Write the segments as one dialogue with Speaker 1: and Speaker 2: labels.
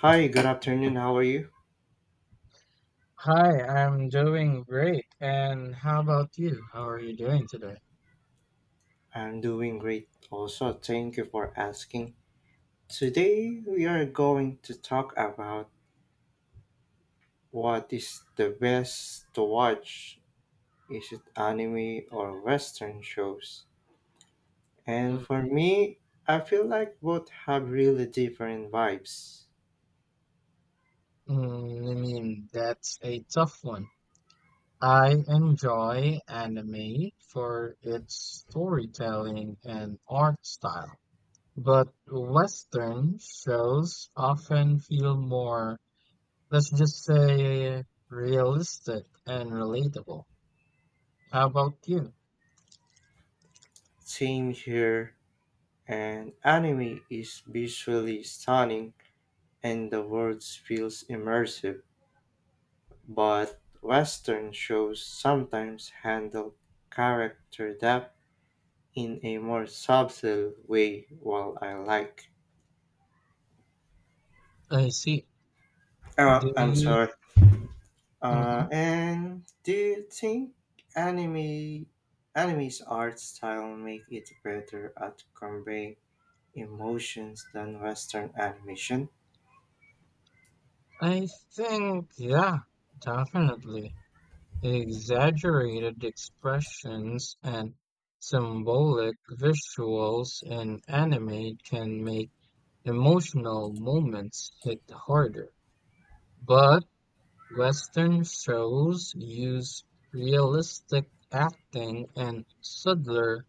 Speaker 1: Hi, good afternoon. How are you?
Speaker 2: Hi, I'm doing great. And how about you? How are you doing today?
Speaker 1: I'm doing great. Also, thank you for asking. Today, we are going to talk about what is the best to watch. Is it anime or Western shows? And
Speaker 2: Mm,
Speaker 1: for me, I feel like both have really different vibes.
Speaker 2: I mean, that's a tough one. I enjoy anime for its storytelling and art style, but Western shows often feel more, let's just say, realistic and relatable. How about you?
Speaker 1: Same here. And anime is visually stunning and the world feels immersive but Western shows sometimes handle character depth in a more subtle way, while I like.
Speaker 2: I see.
Speaker 1: Oh,
Speaker 2: Do
Speaker 1: I'm
Speaker 2: you?
Speaker 1: sorry.
Speaker 2: Mhm.
Speaker 1: And do you think anime anime's art style make it better at conveying emotions than Western animation?
Speaker 2: I think, yeah, definitely. Exaggerated expressions and symbolic visuals in anime can make emotional moments hit harder, but Western shows use realistic acting and subtler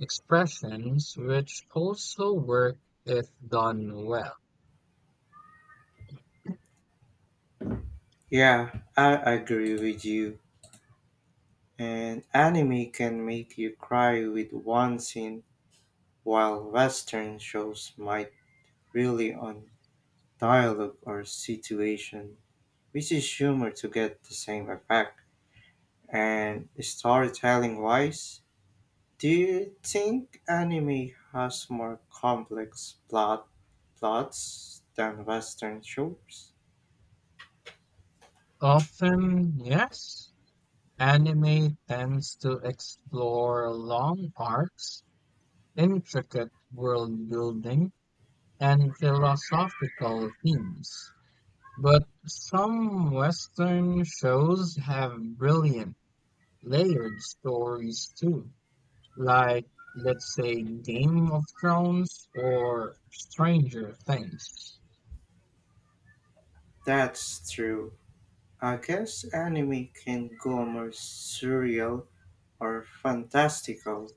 Speaker 2: expressions, which also work if done well.
Speaker 1: Yeah, I agree with you. And anime can make you cry with one scene, while Western shows might really on dialogue or situation, which is humor to get the same effect. And storytelling wise, do you think anime has more complex plots than Western shows?
Speaker 2: Often, yes, anime tends to explore long arcs intricate world building, and philosophical themes. But some Western shows have brilliant, layered stories too, like, let's say, Game of Thrones or Stranger Things.
Speaker 1: That's true. I guess anime can go more surreal or fantastical,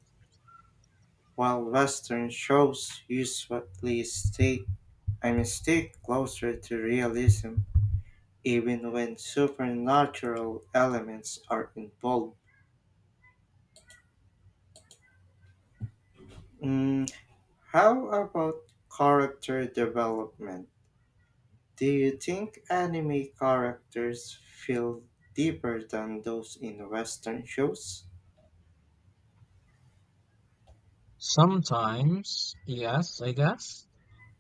Speaker 1: while Western shows usually stay stick closer to realism. Even when supernatural elements are involved. Mm, how about character development? Do you think anime characters feel deeper than those in Western shows?
Speaker 2: Sometimes, yes, I guess,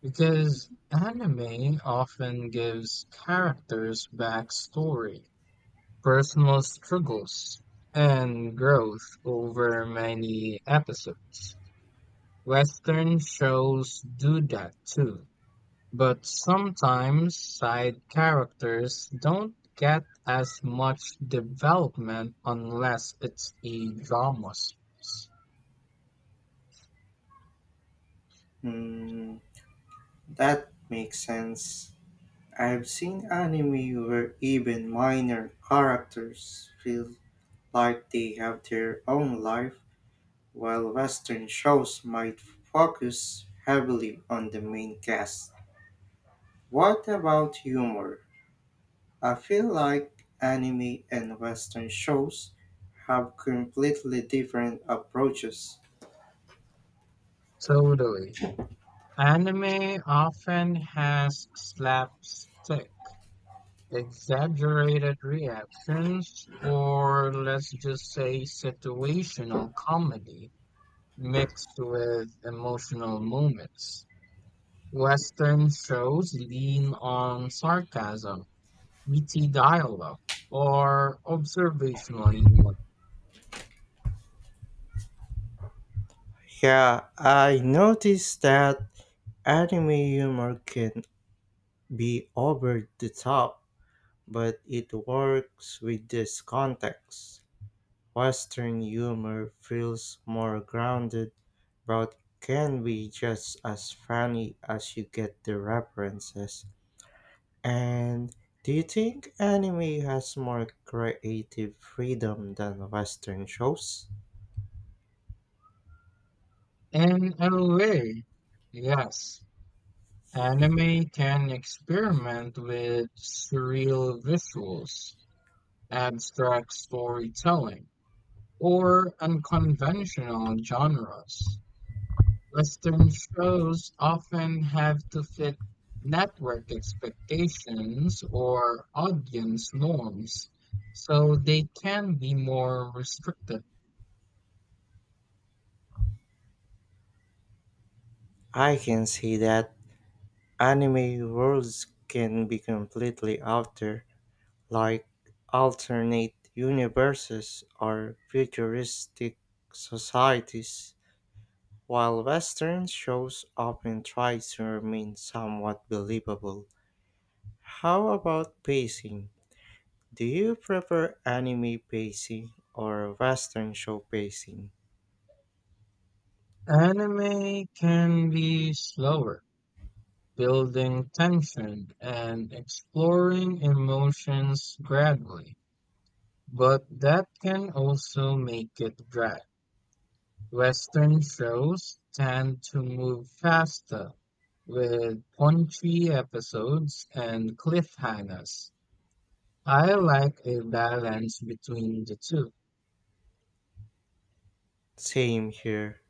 Speaker 2: because anime often gives characters backstory personal struggles and growth over many episodes. Western shows do that too, but sometimes side characters don't get as much development unless it's a drama series.
Speaker 1: Mm, that makes sense. I've seen anime where even minor characters feel like they have their own life. While Western shows might focus heavily on the main cast. What about humor? I feel like anime and Western shows have completely different approaches.
Speaker 2: Totally. Anime often has slapstick exaggerated reactions, or let's just say situational comedy mixed with emotional moments. Western shows lean on sarcasm, witty dialogue, or observational humor.
Speaker 1: Yeah, I noticed that anime humor can be over the top, but it works with this context. Western humor feels more grounded but can be just as funny as you get the references. And do you think anime has more creative freedom than Western shows?
Speaker 2: And in a way, yes, anime can experiment with surreal visuals, abstract storytelling or unconventional genres. Western shows often have to fit network expectations or audience norms, so they can be more restricted.
Speaker 1: I can see that anime worlds can be completely out there, like alternate universes or futuristic societies, while Western shows often try to remain somewhat believable. How about pacing? Do you prefer anime pacing or western show pacing?
Speaker 2: Anime can be slower, building tension and exploring emotions gradually, but that can also make it drag. Western shows tend to move faster, with punchy episodes and cliffhangers. I like a balance between the two.
Speaker 1: Same here.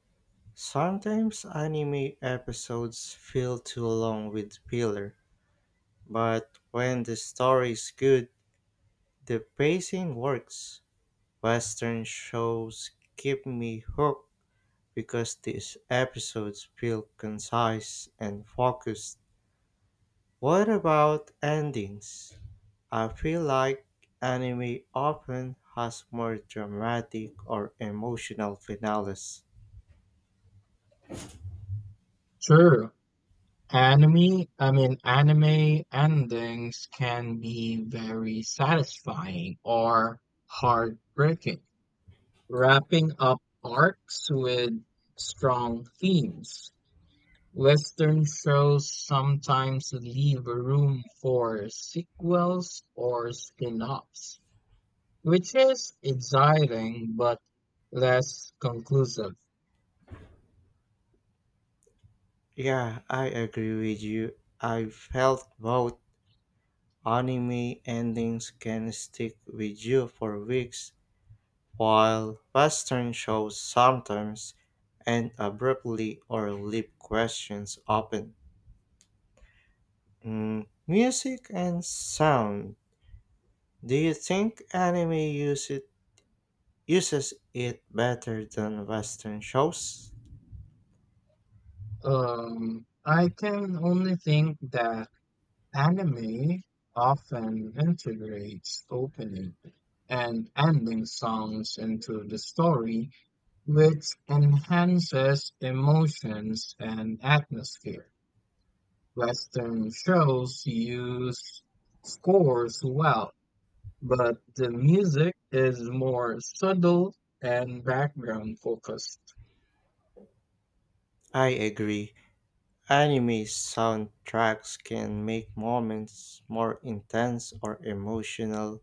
Speaker 1: Sometimes anime episodes feel too long with filler, but when the story is good, the pacing works. Western shows keep me hooked because these episodes feel concise and focused. What about endings? I feel like anime often has more dramatic or emotional finales.
Speaker 2: True, anime endings can be very satisfying or heartbreaking, wrapping up arcs with strong themes. Western shows sometimes leave room for sequels or spin-offs, which is exciting but less conclusive.
Speaker 1: Yeah, I agree with you. I felt both anime endings can stick with you for weeks, while Western shows sometimes end abruptly or leave questions open. Mm, music and sound. Do you think anime uses it better than Western shows.
Speaker 2: I can only think that anime often integrates opening and ending songs into the story, which enhances emotions and atmosphere. Western shows use scores well, but the music is more subtle and background focused.
Speaker 1: I agree. Anime soundtracks can make moments more intense or emotional,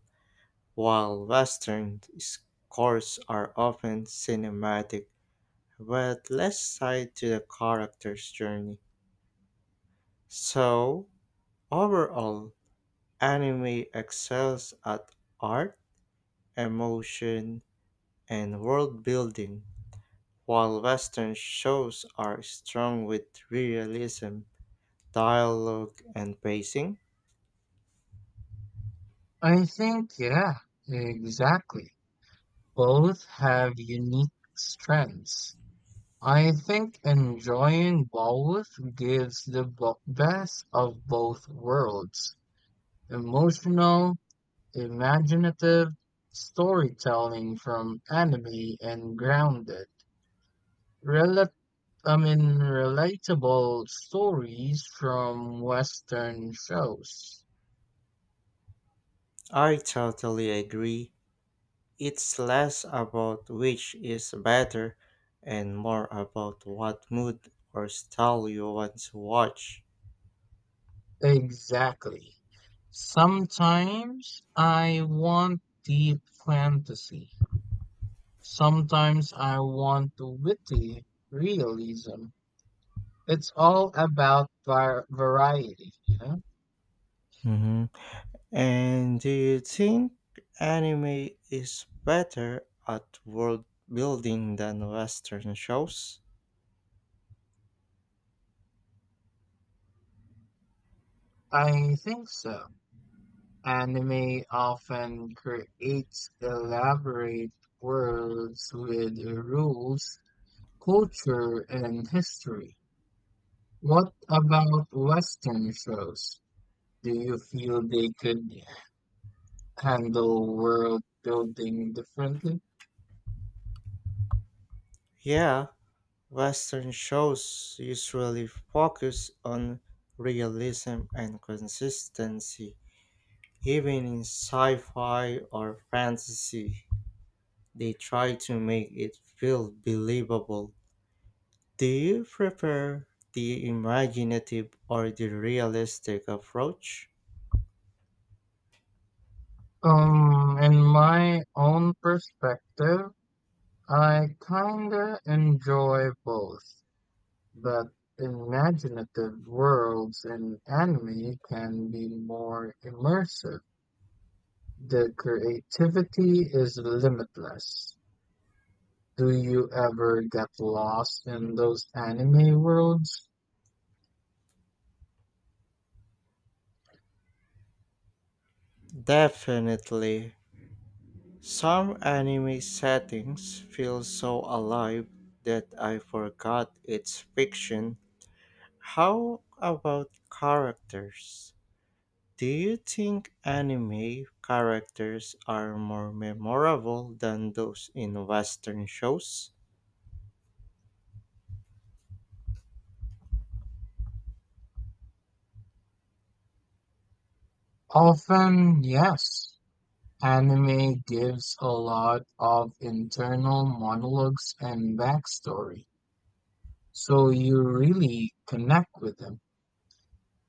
Speaker 1: while Western scores are often cinematic but less tied to the character's journey. So, overall, anime excels at art, emotion, and world building. While Western shows are strong with realism, dialogue, and pacing,
Speaker 2: I think, yeah, exactly. Both have unique strengths. I think enjoying both gives the best of both worlds emotional, imaginative storytelling from anime and grounded, I mean, relatable stories from Western shows.
Speaker 1: I totally agree. It's less about which is better and more about what mood or style you want to watch.
Speaker 2: Exactly. Sometimes I want deep fantasy. Sometimes I want witty realism. It's all about variety, you know?
Speaker 1: Mhm. And do you think anime is better at world building than Western shows?
Speaker 2: I think so. Anime often creates elaborate worlds with rules, culture, and history. What about Western shows? Do you feel they could handle world building differently?
Speaker 1: Yeah, Western shows usually focus on realism and consistency. Even in sci fi or fantasy, they try to make it feel believable. Do you prefer the imaginative or the realistic approach?
Speaker 2: In my own perspective, I kinda enjoy both. But imaginative worlds in anime can be more immersive. The creativity is limitless. Do you ever get lost in those anime worlds?
Speaker 1: Definitely. Some anime settings feel so alive that I forgot it's fiction. How about characters? Do you think anime characters are more memorable than those in Western shows?
Speaker 2: Often, yes. Anime gives a lot of internal monologues and backstory, so you really connect with them.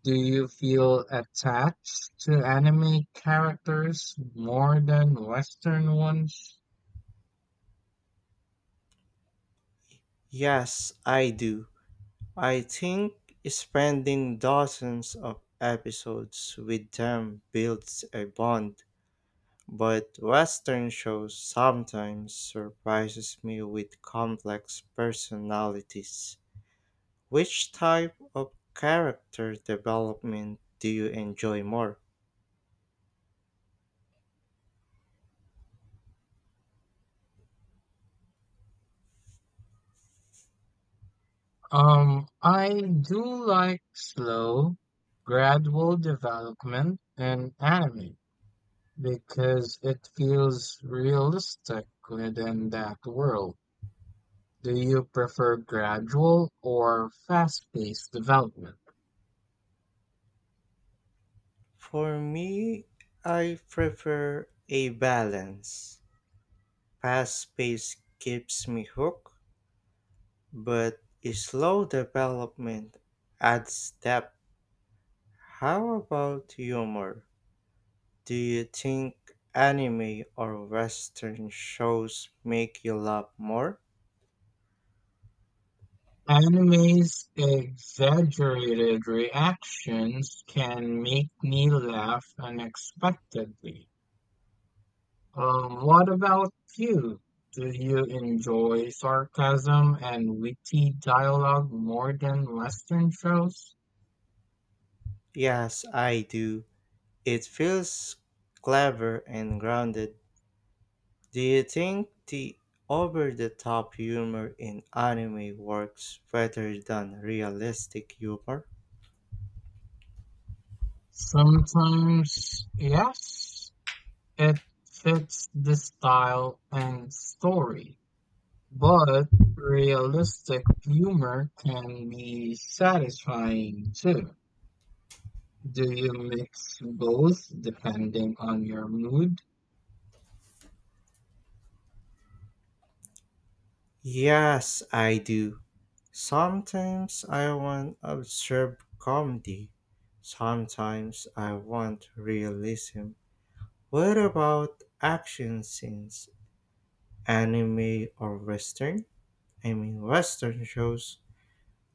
Speaker 2: Do you feel attached to anime characters more than Western ones?
Speaker 1: Yes, I do. I think spending dozens of episodes with them builds a bond, but Western shows sometimes surprises me with complex personalities. Which type of character development do you enjoy more?
Speaker 2: I do like slow, gradual development in anime because it feels realistic within that world. Do you prefer gradual or fast-paced development?
Speaker 1: For me, I prefer a balance. Fast pace keeps me hooked, but a slow development adds depth. How about humor? Do you think anime or western shows make you laugh more?
Speaker 2: Anime's exaggerated reactions can make me laugh unexpectedly. What about you? Do you enjoy sarcasm and witty dialogue more than Western shows?
Speaker 1: Yes, I do. It feels clever and grounded. Do you think the over the top humor in anime works better than realistic humor?
Speaker 2: Sometimes, yes, it fits the style and story, but realistic humor can be satisfying too. Do you mix both depending on your mood?
Speaker 1: Yes, I do. Sometimes I want absurd comedy. Sometimes I want realism. What about action scenes? Anime or western? I mean western shows.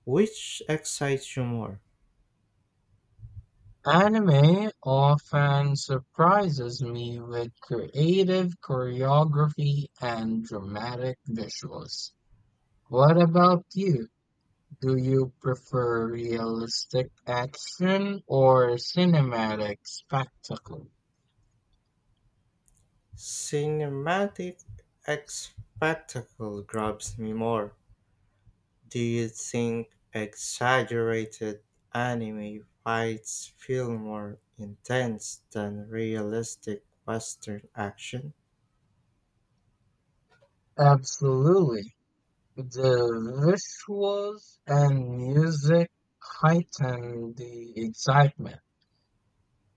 Speaker 1: Which excites you more?
Speaker 2: Anime often surprises me with creative choreography and dramatic visuals. What about you? Do you prefer realistic action or cinematic spectacle?
Speaker 1: Cinematic spectacle grabs me more. Do you think exaggerated anime fights feel more intense than realistic Western action?
Speaker 2: Absolutely. The visuals and music heighten the excitement.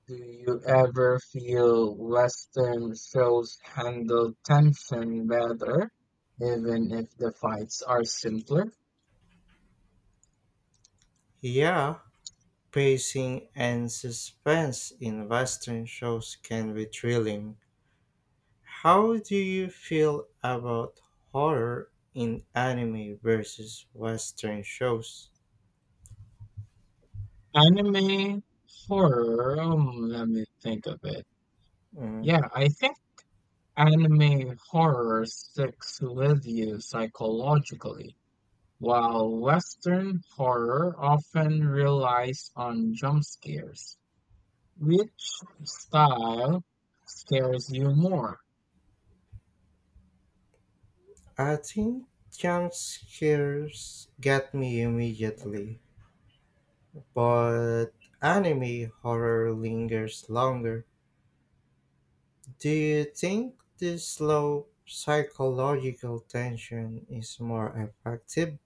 Speaker 2: Do you ever feel Western shows handle tension better, even if the fights are simpler?
Speaker 1: Yeah, pacing and suspense in Western shows can be thrilling. How do you feel about horror in anime versus Western shows?
Speaker 2: Anime, horror, let me think of it.
Speaker 1: Mm,
Speaker 2: Yeah, I think anime horror sticks with you psychologically, while Western horror often relies on jump scares. Which style scares you more?
Speaker 1: I think jump scares get me immediately, but anime horror lingers longer. Do you think this slow psychological tension is more effective?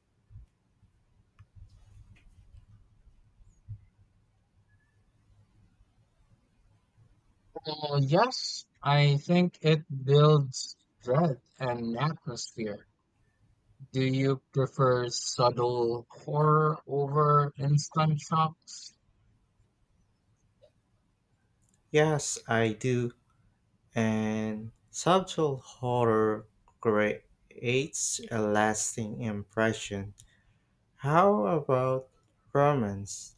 Speaker 2: Well, yes, I think it builds dread and atmosphere. Do you prefer subtle horror over instant shocks?
Speaker 1: Yes, I do. And subtle horror creates a lasting impression. How about romance?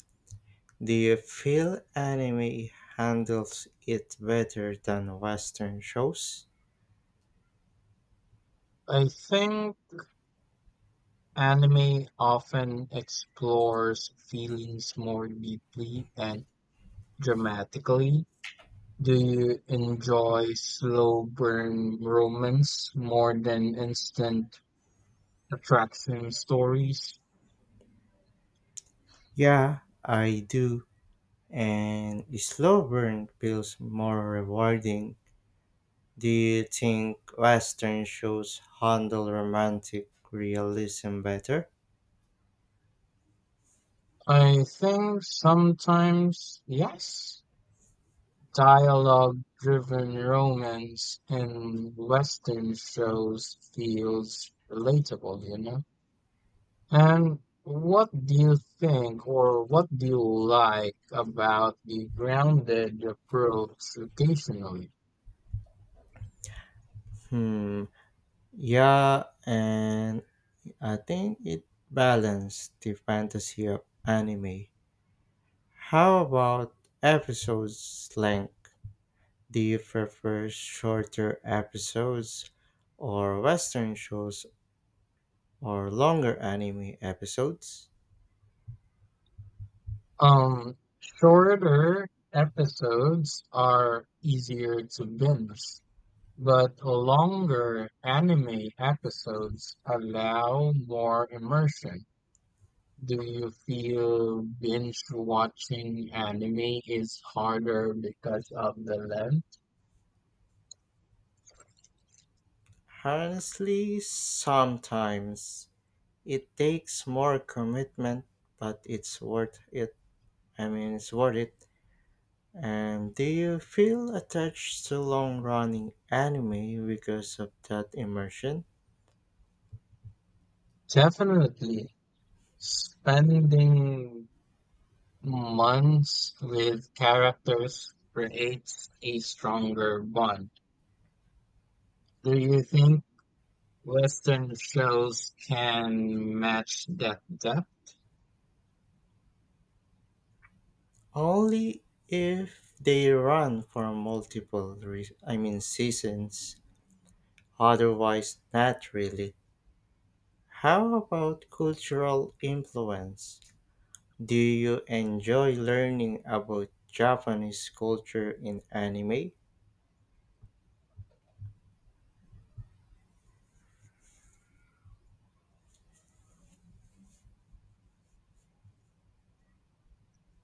Speaker 1: Do you feel anime handles it better than Western shows?
Speaker 2: I think anime often explores feelings more deeply and dramatically. Do you enjoy slow burn romance more than instant attraction stories?
Speaker 1: Yeah, I do. And a slow burn feels more rewarding. Do you think Western shows handle romantic realism better?
Speaker 2: I think sometimes yes. Dialogue-driven romance in Western shows feels relatable, you know? And what do you think or what do you like about the grounded approach occasionally?
Speaker 1: Hmm. Yeah, and I think it balanced the fantasy of anime. How about episodes length? Do you prefer shorter episodes or western shows or longer anime episodes?
Speaker 2: Um, Shorter episodes are easier to binge, but longer anime episodes allow more immersion. Do you feel binge watching anime is harder because of the length?
Speaker 1: Honestly, sometimes it takes more commitment, but it's worth it. It's worth it. And do you feel attached to long running anime because of that immersion?
Speaker 2: Definitely. Spending months with characters creates a stronger bond. Do you think Western shows can match that depth?
Speaker 1: Only if they run for multiple seasons. Otherwise, not really. How about cultural influence? Do you enjoy learning about Japanese culture in anime?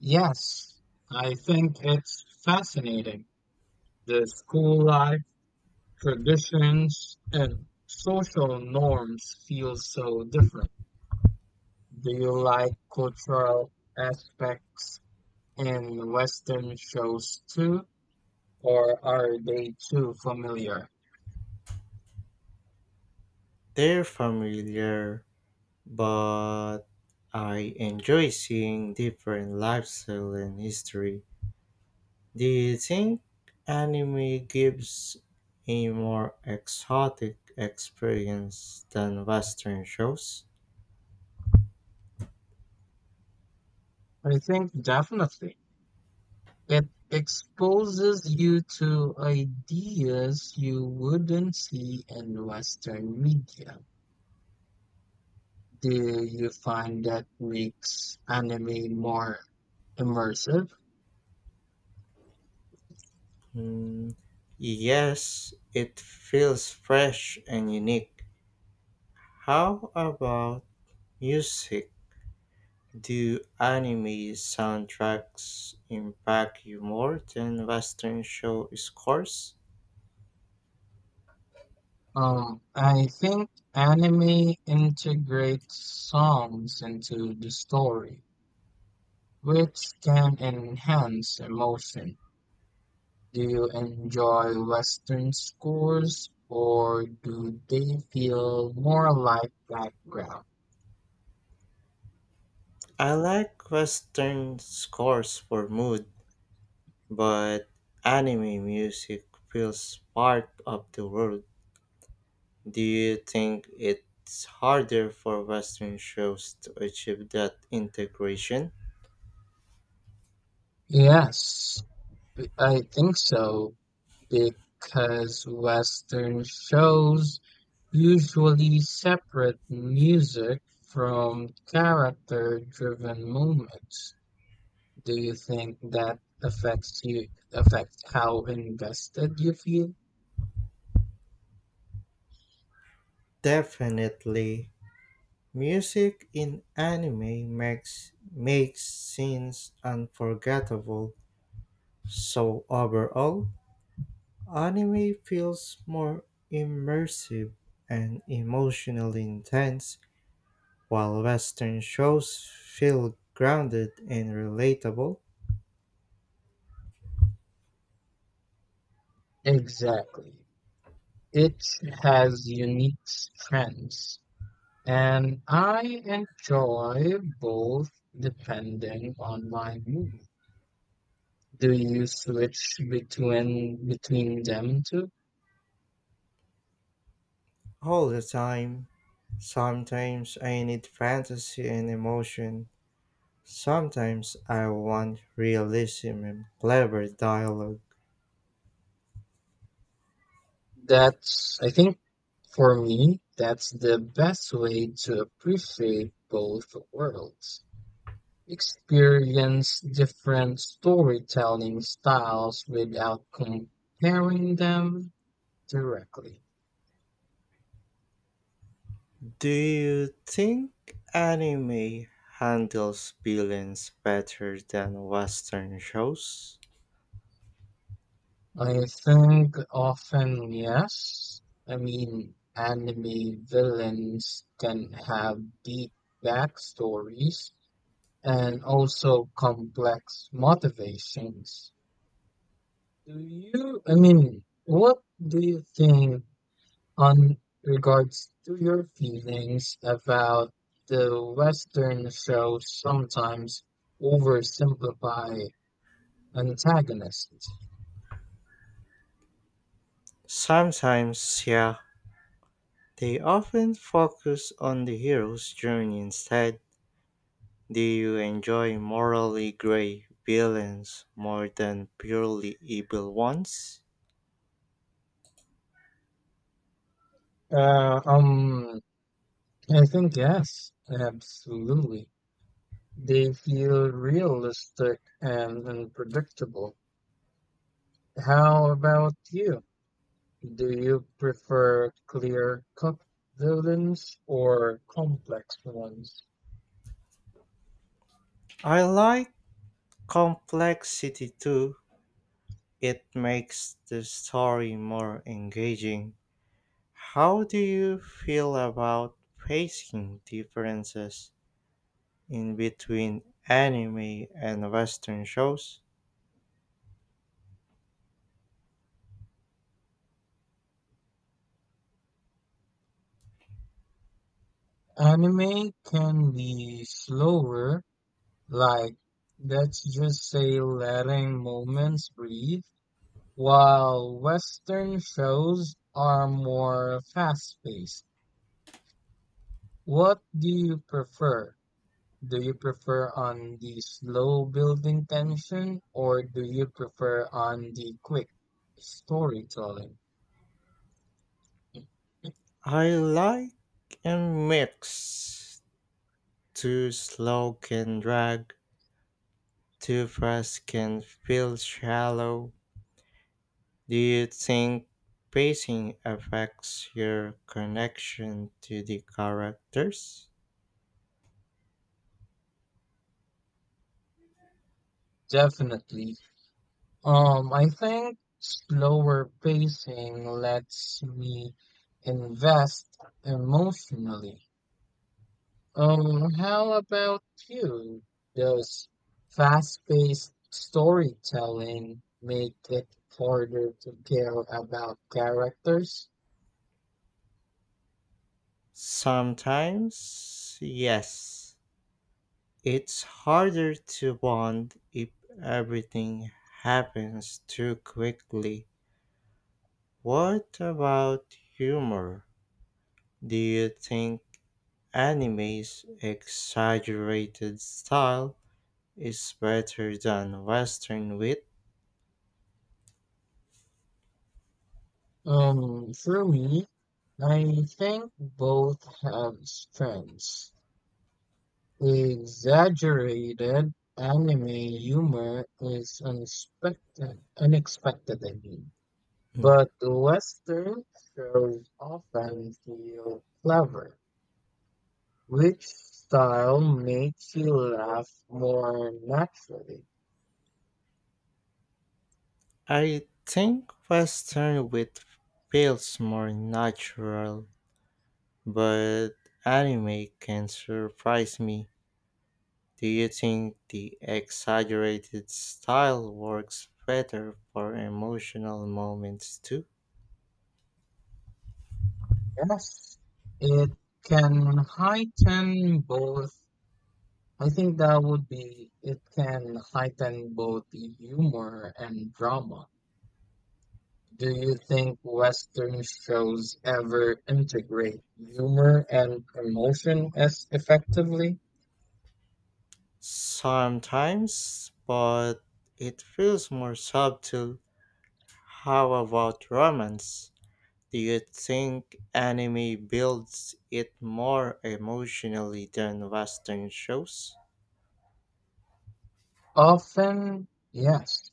Speaker 2: Yes, I think it's fascinating. The school life, traditions and social norms feel so different. Do you like cultural aspects in Western shows too, or are they too familiar?
Speaker 1: They're familiar, but I enjoy seeing different lifestyle and history. Do you think anime gives a more exotic experience than Western shows?
Speaker 2: I think definitely. It exposes you to ideas you wouldn't see in Western media. Do you find that makes anime more immersive?
Speaker 1: Hmm, yes, it feels fresh and unique. How about music? Do anime soundtracks impact you more than Western show scores?
Speaker 2: I think anime integrates songs into the story, which can enhance emotion. Do you enjoy Western scores or do they feel more like background?
Speaker 1: I like Western scores for mood, but anime music feels part of the world. Do you think it's harder for Western shows to achieve that integration?
Speaker 2: Yes, I think so, because Western shows usually separate music from character driven moments. Do you think that affects how invested you feel?
Speaker 1: Definitely. Music in anime makes scenes unforgettable. So overall, anime feels more immersive and emotionally intense, while western shows feel grounded and relatable
Speaker 2: Exactly. It has unique strengths, and I enjoy both depending on my mood. Do you switch between them two?
Speaker 1: all the time. Sometimes I need fantasy and emotion. Sometimes I want realism and clever dialogue.
Speaker 2: That's I think for me, that's the best way to appreciate both worlds, experience different storytelling styles without comparing them directly.
Speaker 1: Do you think anime handles villains better than Western shows?
Speaker 2: I think often yes. I mean, anime villains can have deep backstories and also complex motivations. Do you, I mean, what do you think on regards to your feelings about the Western shows sometimes oversimplify antagonists.
Speaker 1: Sometimes, yeah. They often focus on the hero's journey instead. Do you enjoy morally gray villains more than purely evil ones?
Speaker 2: Uh, um, I think yes, absolutely. They feel realistic and unpredictable. How about you? Do you prefer clear-cut villains or complex ones?
Speaker 1: I like complexity too. It makes the story more engaging. How do you feel about facing differences in between anime and Western shows?
Speaker 2: Anime can be slower. Like, let's just say letting moments breathe, while Western shows are more fast-paced. What do you prefer? Do you prefer on the slow building tension, or do you prefer on the quick storytelling?
Speaker 1: I like a mix. Too slow can drag, too fast can feel shallow. Do you think pacing affects your connection to the characters?
Speaker 2: Definitely. I think slower pacing lets me invest emotionally. How about you? Does fast-paced storytelling make it harder to care about characters?
Speaker 1: Sometimes, yes. It's harder to bond if everything happens too quickly. What about humor? Do you think anime's exaggerated style is better than Western wit?
Speaker 2: For me, I think both have strengths. Exaggerated anime humor is unexpected, I mean.
Speaker 1: Mm.
Speaker 2: But Western shows often feel clever. Which style makes you laugh more naturally?
Speaker 1: I think Western wit feels more natural, but anime can surprise me. Do you think the exaggerated style works better for emotional moments too?
Speaker 2: Yes, it can heighten both. I think that would be it can heighten both humor and drama. Do you think Western shows ever integrate humor and emotion as effectively?
Speaker 1: Sometimes, but it feels more subtle. How about romance? Do you think anime builds it more emotionally than Western shows?
Speaker 2: Often, yes.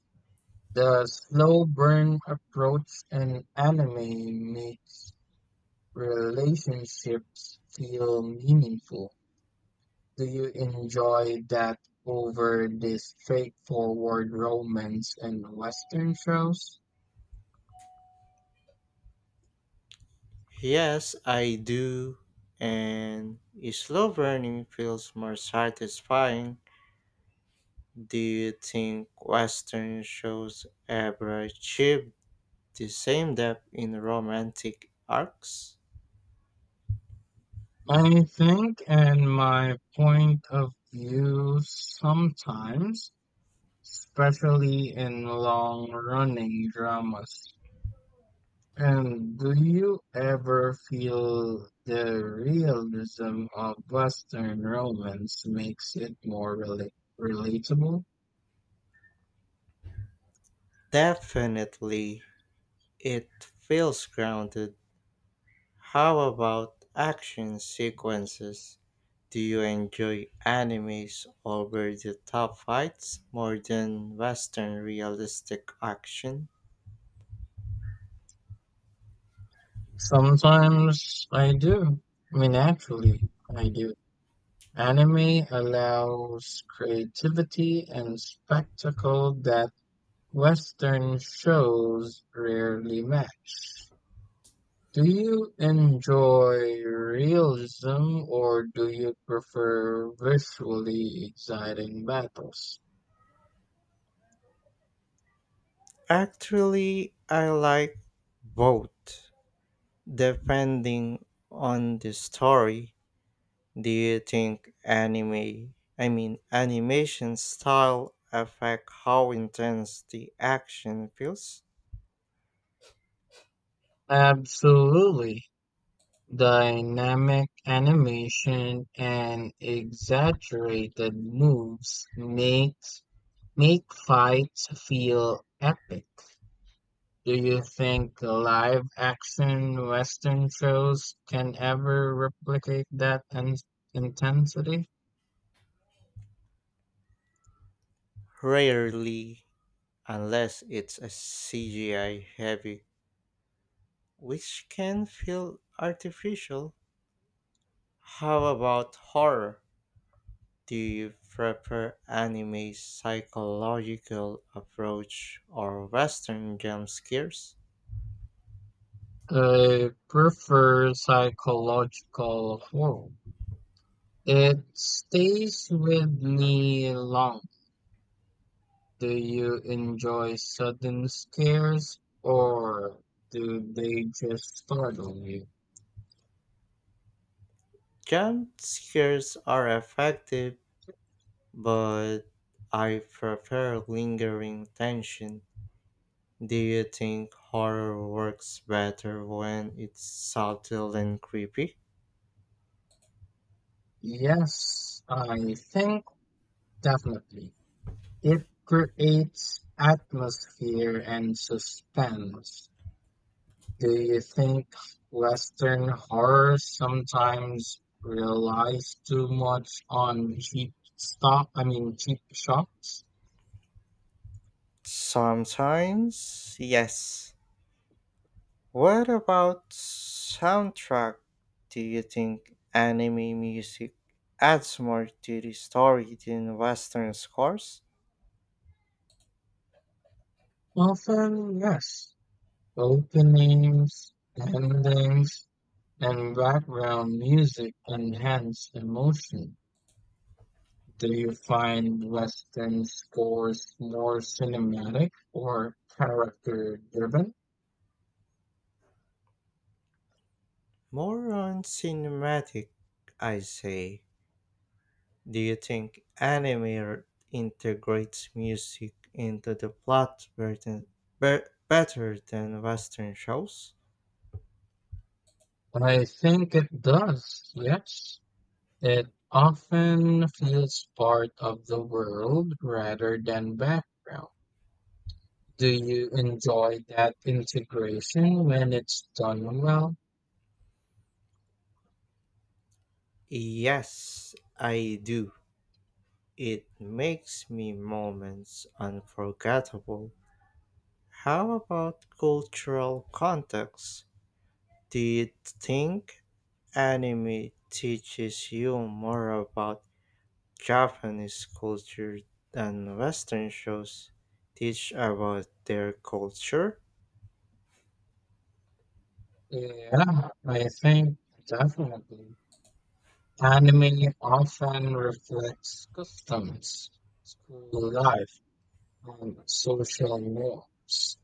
Speaker 2: The slow burn approach in anime makes relationships feel meaningful. Do you enjoy that over the straightforward romance and Western shows?
Speaker 1: Yes, I do, and slow burning feels more satisfying. Do you think Western shows ever achieve the same depth in romantic arcs?
Speaker 2: I think, and my point of view sometimes, especially in long running dramas. And do you ever feel the realism of Western romance makes it more relatable?
Speaker 1: Definitely, it feels grounded. How about action sequences? Do you enjoy animes over the top fights more than Western realistic action?
Speaker 2: Sometimes I do. I mean, actually, I do. Anime allows creativity and spectacle that Western shows rarely match. Do you enjoy realism or do you prefer visually exciting battles?
Speaker 1: Actually, I like both, depending on the story. Do you think animation style affect how intense the action feels?
Speaker 2: Absolutely. Dynamic animation and exaggerated moves make fights feel epic. Do you think live action Western shows can ever replicate that intensity?
Speaker 1: Rarely, unless it's a CGI heavy, which can feel artificial. How about horror? Do you prefer anime's psychological approach or Western jump scares?
Speaker 2: I prefer psychological horror. It stays with me long. Do you enjoy sudden scares or do they just startle you?
Speaker 1: Jump scares are effective but I prefer lingering tension. Do you think horror works better when it's subtle and creepy?
Speaker 2: Yes, I think definitely. It creates atmosphere and suspense. Do you think Western horror sometimes relies too much on cheap stock? I mean, cheap shots?
Speaker 1: Sometimes, yes. What about soundtrack? Do you think anime music adds more to the story than Western scores?
Speaker 2: Often, yes. Openings, endings, and background music enhance emotion. Do you find Western scores more cinematic or character driven?
Speaker 1: More on cinematic, I say. Do you think anime integrates music into the plot better than Western shows?
Speaker 2: I think it does, yes. It often feels part of the world rather than background. Do you enjoy that integration when it's done well?
Speaker 1: Yes, I do. It makes me moments unforgettable. How about cultural context? Do you think anime teaches you more about Japanese culture than Western shows teach about their culture?
Speaker 2: Yeah, I think definitely. Anime often reflects customs, school life, and social norms.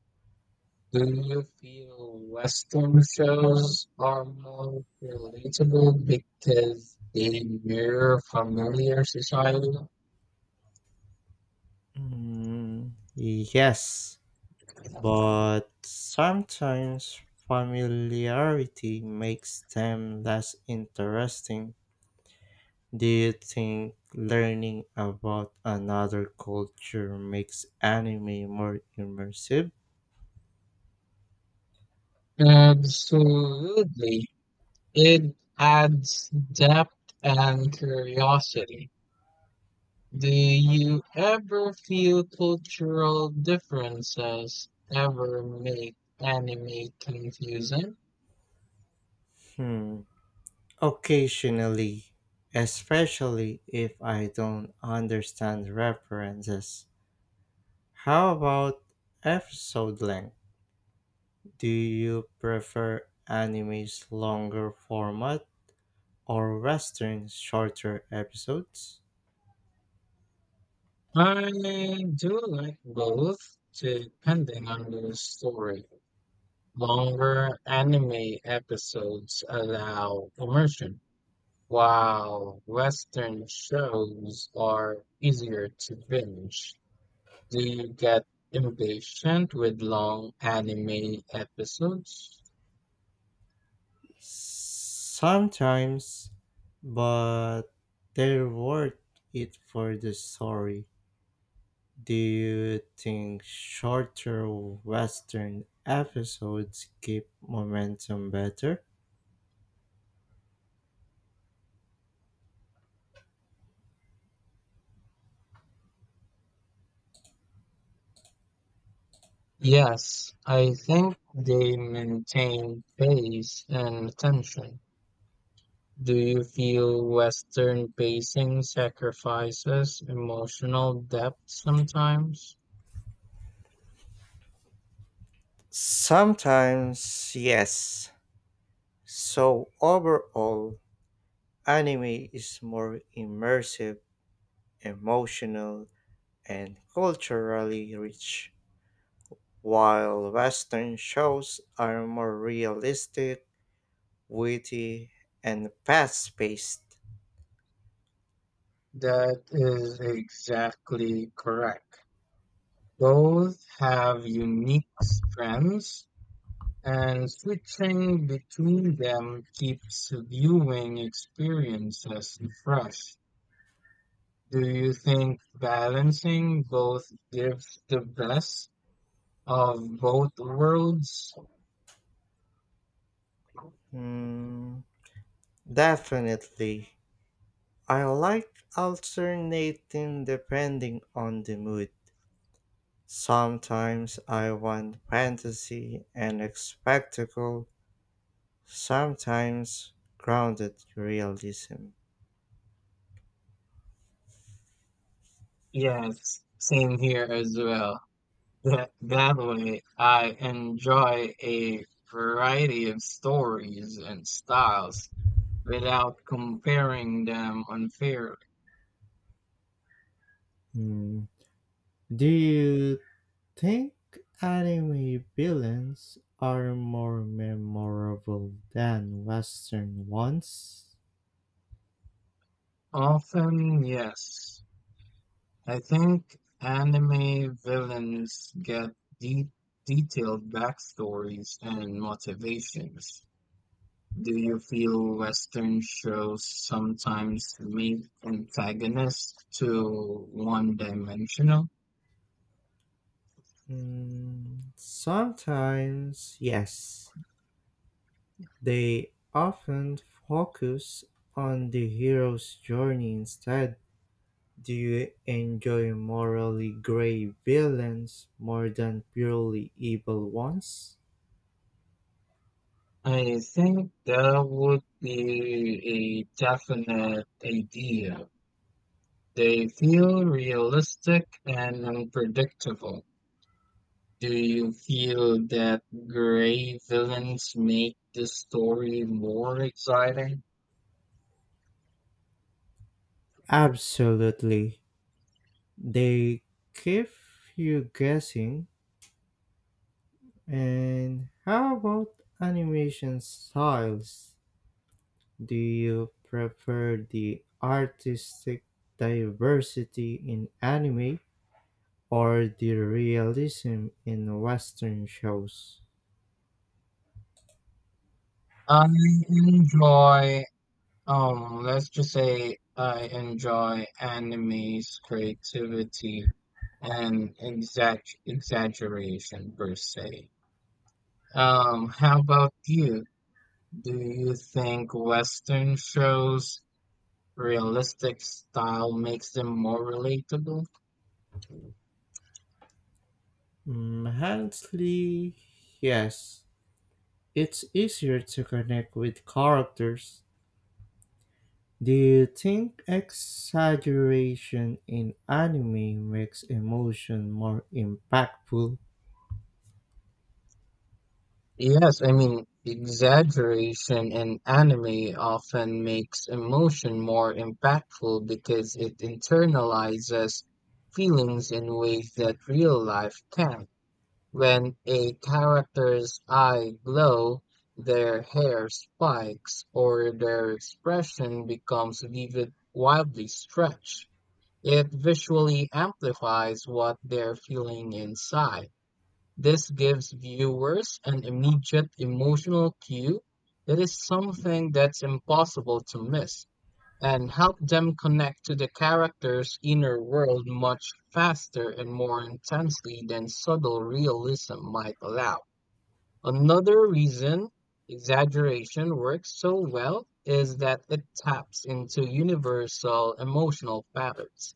Speaker 2: Do you feel Western shows are more relatable because they mirror familiar society?
Speaker 1: Mm, yes, but sometimes familiarity makes them less interesting. Do you think learning about another culture makes anime more immersive?
Speaker 2: Absolutely. It adds depth and curiosity. Do you ever feel cultural differences ever make anime confusing?
Speaker 1: Hmm, occasionally, especially if I don't understand references. How about episode length? Do you prefer anime's longer format or western's shorter episodes?
Speaker 2: I do like both, depending on the story. Longer anime episodes allow immersion, while Western shows are easier to binge. Do you get impatient with long anime episodes?
Speaker 1: Sometimes, but they're worth it for the story. Do you think shorter western episodes keep momentum better?
Speaker 2: Yes, I think they maintain pace and attention. Do you feel Western pacing sacrifices emotional depth sometimes?
Speaker 1: Sometimes, yes. So overall, anime is more immersive, emotional, and culturally rich, while Western shows are more realistic, witty, and fast paced.
Speaker 2: That is exactly correct. Both have unique strengths, and switching between them keeps viewing experiences fresh. Do you think balancing both gives the best of both worlds?
Speaker 1: Hmm, definitely. I like alternating depending on the mood. Sometimes I want fantasy and spectacle, sometimes grounded realism.
Speaker 2: Yes, same here as well. That way, I enjoy a variety of stories and styles without comparing them unfairly.
Speaker 1: Hmm. Do you think anime villains are more memorable than Western ones?
Speaker 2: Often, yes. I think anime villains get de- detailed backstories and motivations. Do you feel Western shows sometimes make antagonists too one-dimensional?
Speaker 1: Mm, sometimes, yes. They often focus on the hero's journey instead. Do you enjoy morally gray villains more than purely evil ones?
Speaker 2: I think that would be a definite idea. They feel realistic and unpredictable. Do you feel that gray villains make the story more exciting?
Speaker 1: Absolutely. They keep you guessing. And how about animation styles? Do you prefer the artistic diversity in anime or the realism in Western shows?
Speaker 2: I enjoy, let's just say I enjoy anime's creativity and exaggeration per se. How about you? Do you think Western shows' realistic style makes them more relatable?
Speaker 1: Mm, honestly, yes. It's easier to connect with characters. Do you think exaggeration in anime makes emotion more impactful?
Speaker 2: Yes, I mean, exaggeration in anime often makes emotion more impactful because it internalizes feelings in ways that real life can't. When a character's eye glow, their hair spikes, or their expression becomes vivid, wildly stretched, it visually amplifies what they're feeling inside. This gives viewers an immediate emotional cue that is something that's impossible to miss and help them connect to the character's inner world much faster and more intensely than subtle realism might allow. Another reason exaggeration works so well is that it taps into universal emotional patterns.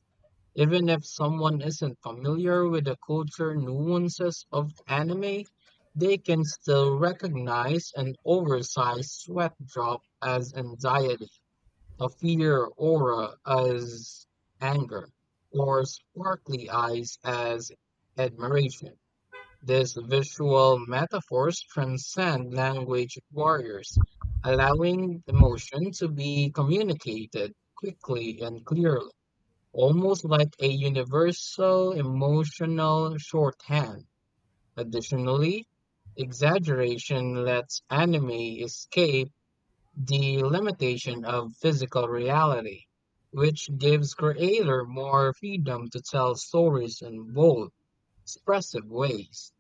Speaker 2: Even if someone isn't familiar with the culture nuances of anime, they can still recognize an oversized sweat drop as anxiety, a fear aura as anger, or sparkly eyes as admiration. These visual metaphors transcend language barriers, allowing emotion to be communicated quickly and clearly almost like a universal emotional shorthand. Additionally, exaggeration lets anime escape the limitation of physical reality, which gives creator more freedom to tell stories in bold, expressive ways.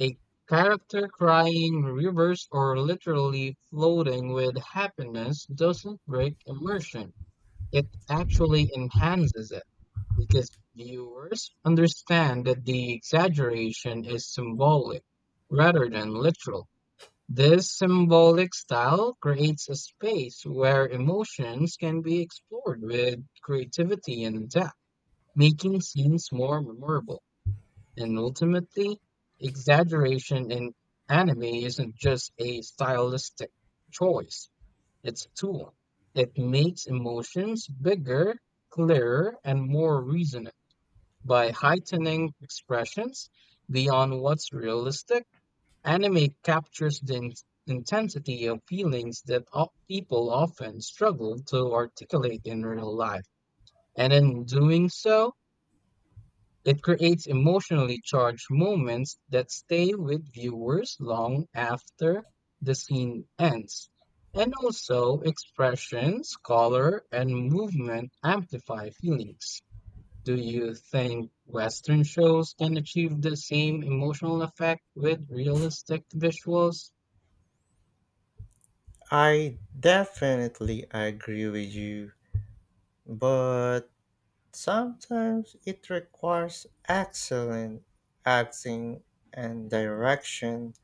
Speaker 2: A character crying rivers or literally floating with happiness doesn't break immersion, it actually enhances it because viewers understand that the exaggeration is symbolic rather than literal. This symbolic style creates a space where emotions can be explored with creativity and depth, making scenes more memorable. And ultimately, exaggeration in anime isn't just a stylistic choice. It's a tool. It makes emotions bigger, clearer, and more reasonable by heightening expressions beyond what's realistic. Anime captures the intensity of feelings that people often struggle to articulate in real life. And in doing so, it creates emotionally charged moments that stay with viewers long after the scene ends. And also, expressions, color, and movement amplify feelings. Do you think Western shows can achieve the same emotional effect with realistic visuals?
Speaker 1: I definitely agree with you, but sometimes it requires excellent acting and direction.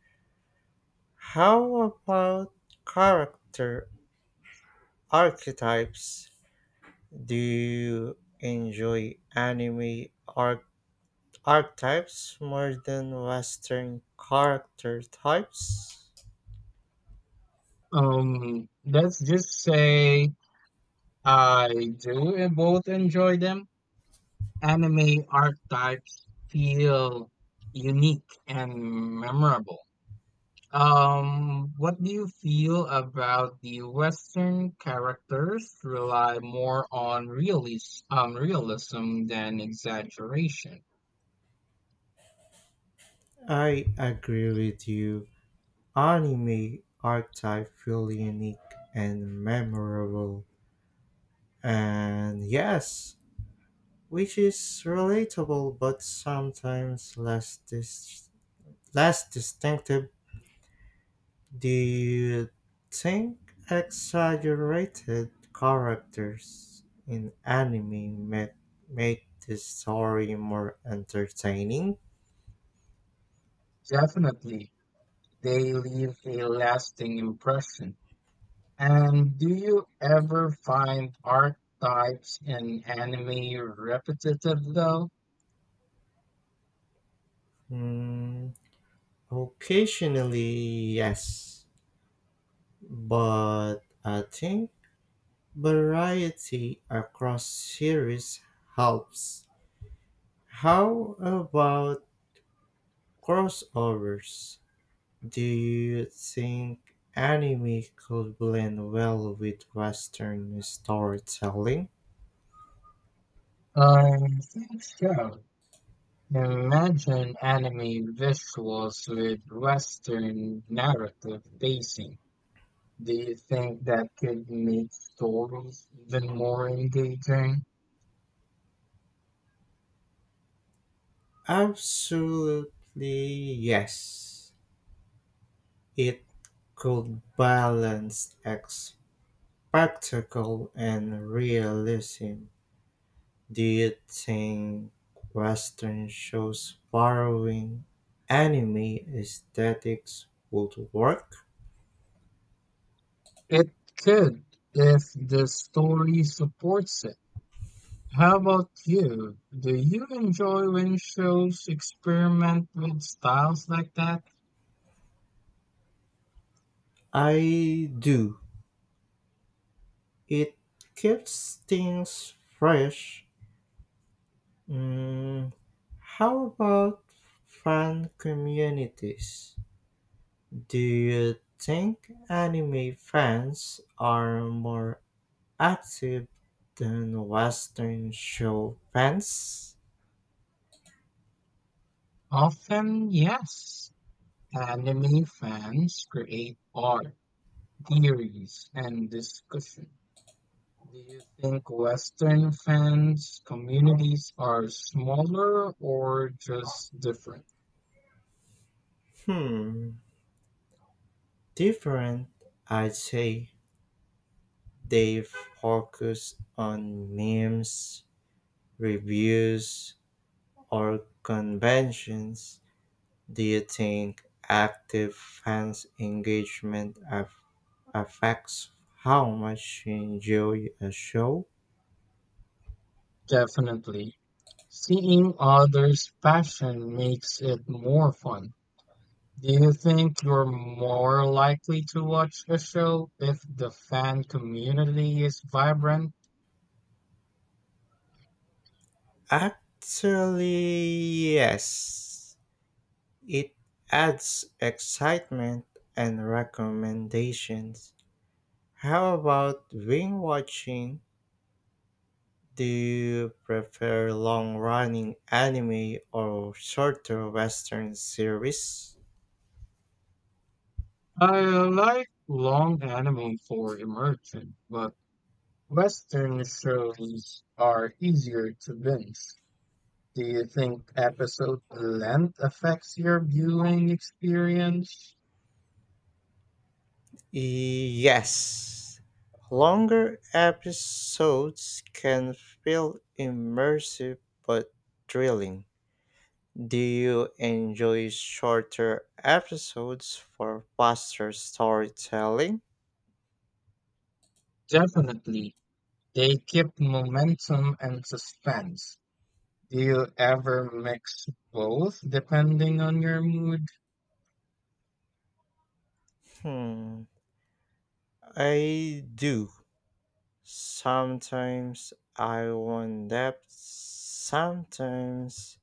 Speaker 1: How about character archetypes? Do you enjoy anime archetypes more than Western character types?
Speaker 2: Let's just say I do both enjoy them, anime archetypes feel unique and memorable. What do you feel about the Western characters rely more on realism than exaggeration?
Speaker 1: I agree with you. Anime archetype feel unique and memorable and yes, which is relatable but sometimes less distinctive. Do you think exaggerated characters in anime make the story more entertaining?
Speaker 2: Definitely, they leave a lasting impression. And do you ever find archetypes in anime repetitive though?
Speaker 1: Mm, occasionally, yes, but I think variety across series helps. How about crossovers? Do you think anime could blend well with Western storytelling?
Speaker 2: I think so. Imagine anime visuals with Western narrative pacing. Do you think that could make stories even more engaging?
Speaker 1: Absolutely yes. It could balance spectacle and realism. Do you think Western shows borrowing anime aesthetics would work?
Speaker 2: It could, if the story supports it. How about you? Do you enjoy when shows experiment with styles like that?
Speaker 1: I do. It keeps things fresh. Mm, how about fan communities? Do you think anime fans are more active than Western show fans?
Speaker 2: Often, yes. Anime fans create art, theories, and discussion. Do you think Western fans communities are smaller or just different?
Speaker 1: Hmm, different. I'd say they focus on memes, reviews, or conventions. Do you think active fans' engagement affects how much you enjoy a show?
Speaker 2: Definitely. Seeing others' passion makes it more fun. Do you think you're more likely to watch a show if the fan community is vibrant?
Speaker 1: Actually, yes. It adds excitement and recommendations. How about binge watching? Do you prefer long running anime or shorter western series?
Speaker 2: I like long anime for immersion, but Western shows are easier to binge. Do you think episode length affects your viewing experience?
Speaker 1: Yes. Longer episodes can feel immersive but thrilling. Do you enjoy shorter episodes for faster storytelling?
Speaker 2: Definitely. They keep momentum and suspense. Do you ever mix both depending on your mood?
Speaker 1: Hmm, I do. Sometimes I want depth, sometimes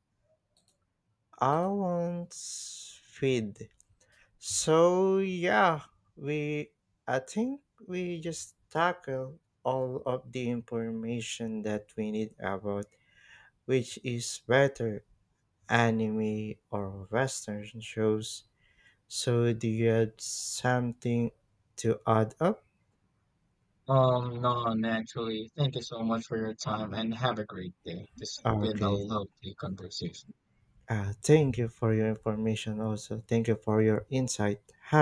Speaker 1: I want feed. So yeah, we I think we just tackle all of the information that we need about which is better anime or western shows. So do you have something to add up?
Speaker 2: None actually. Thank you so much for your time and have a great day. This has been a
Speaker 1: Okay.
Speaker 2: lovely conversation.
Speaker 1: Thank you for your information also. Thank you for your insight.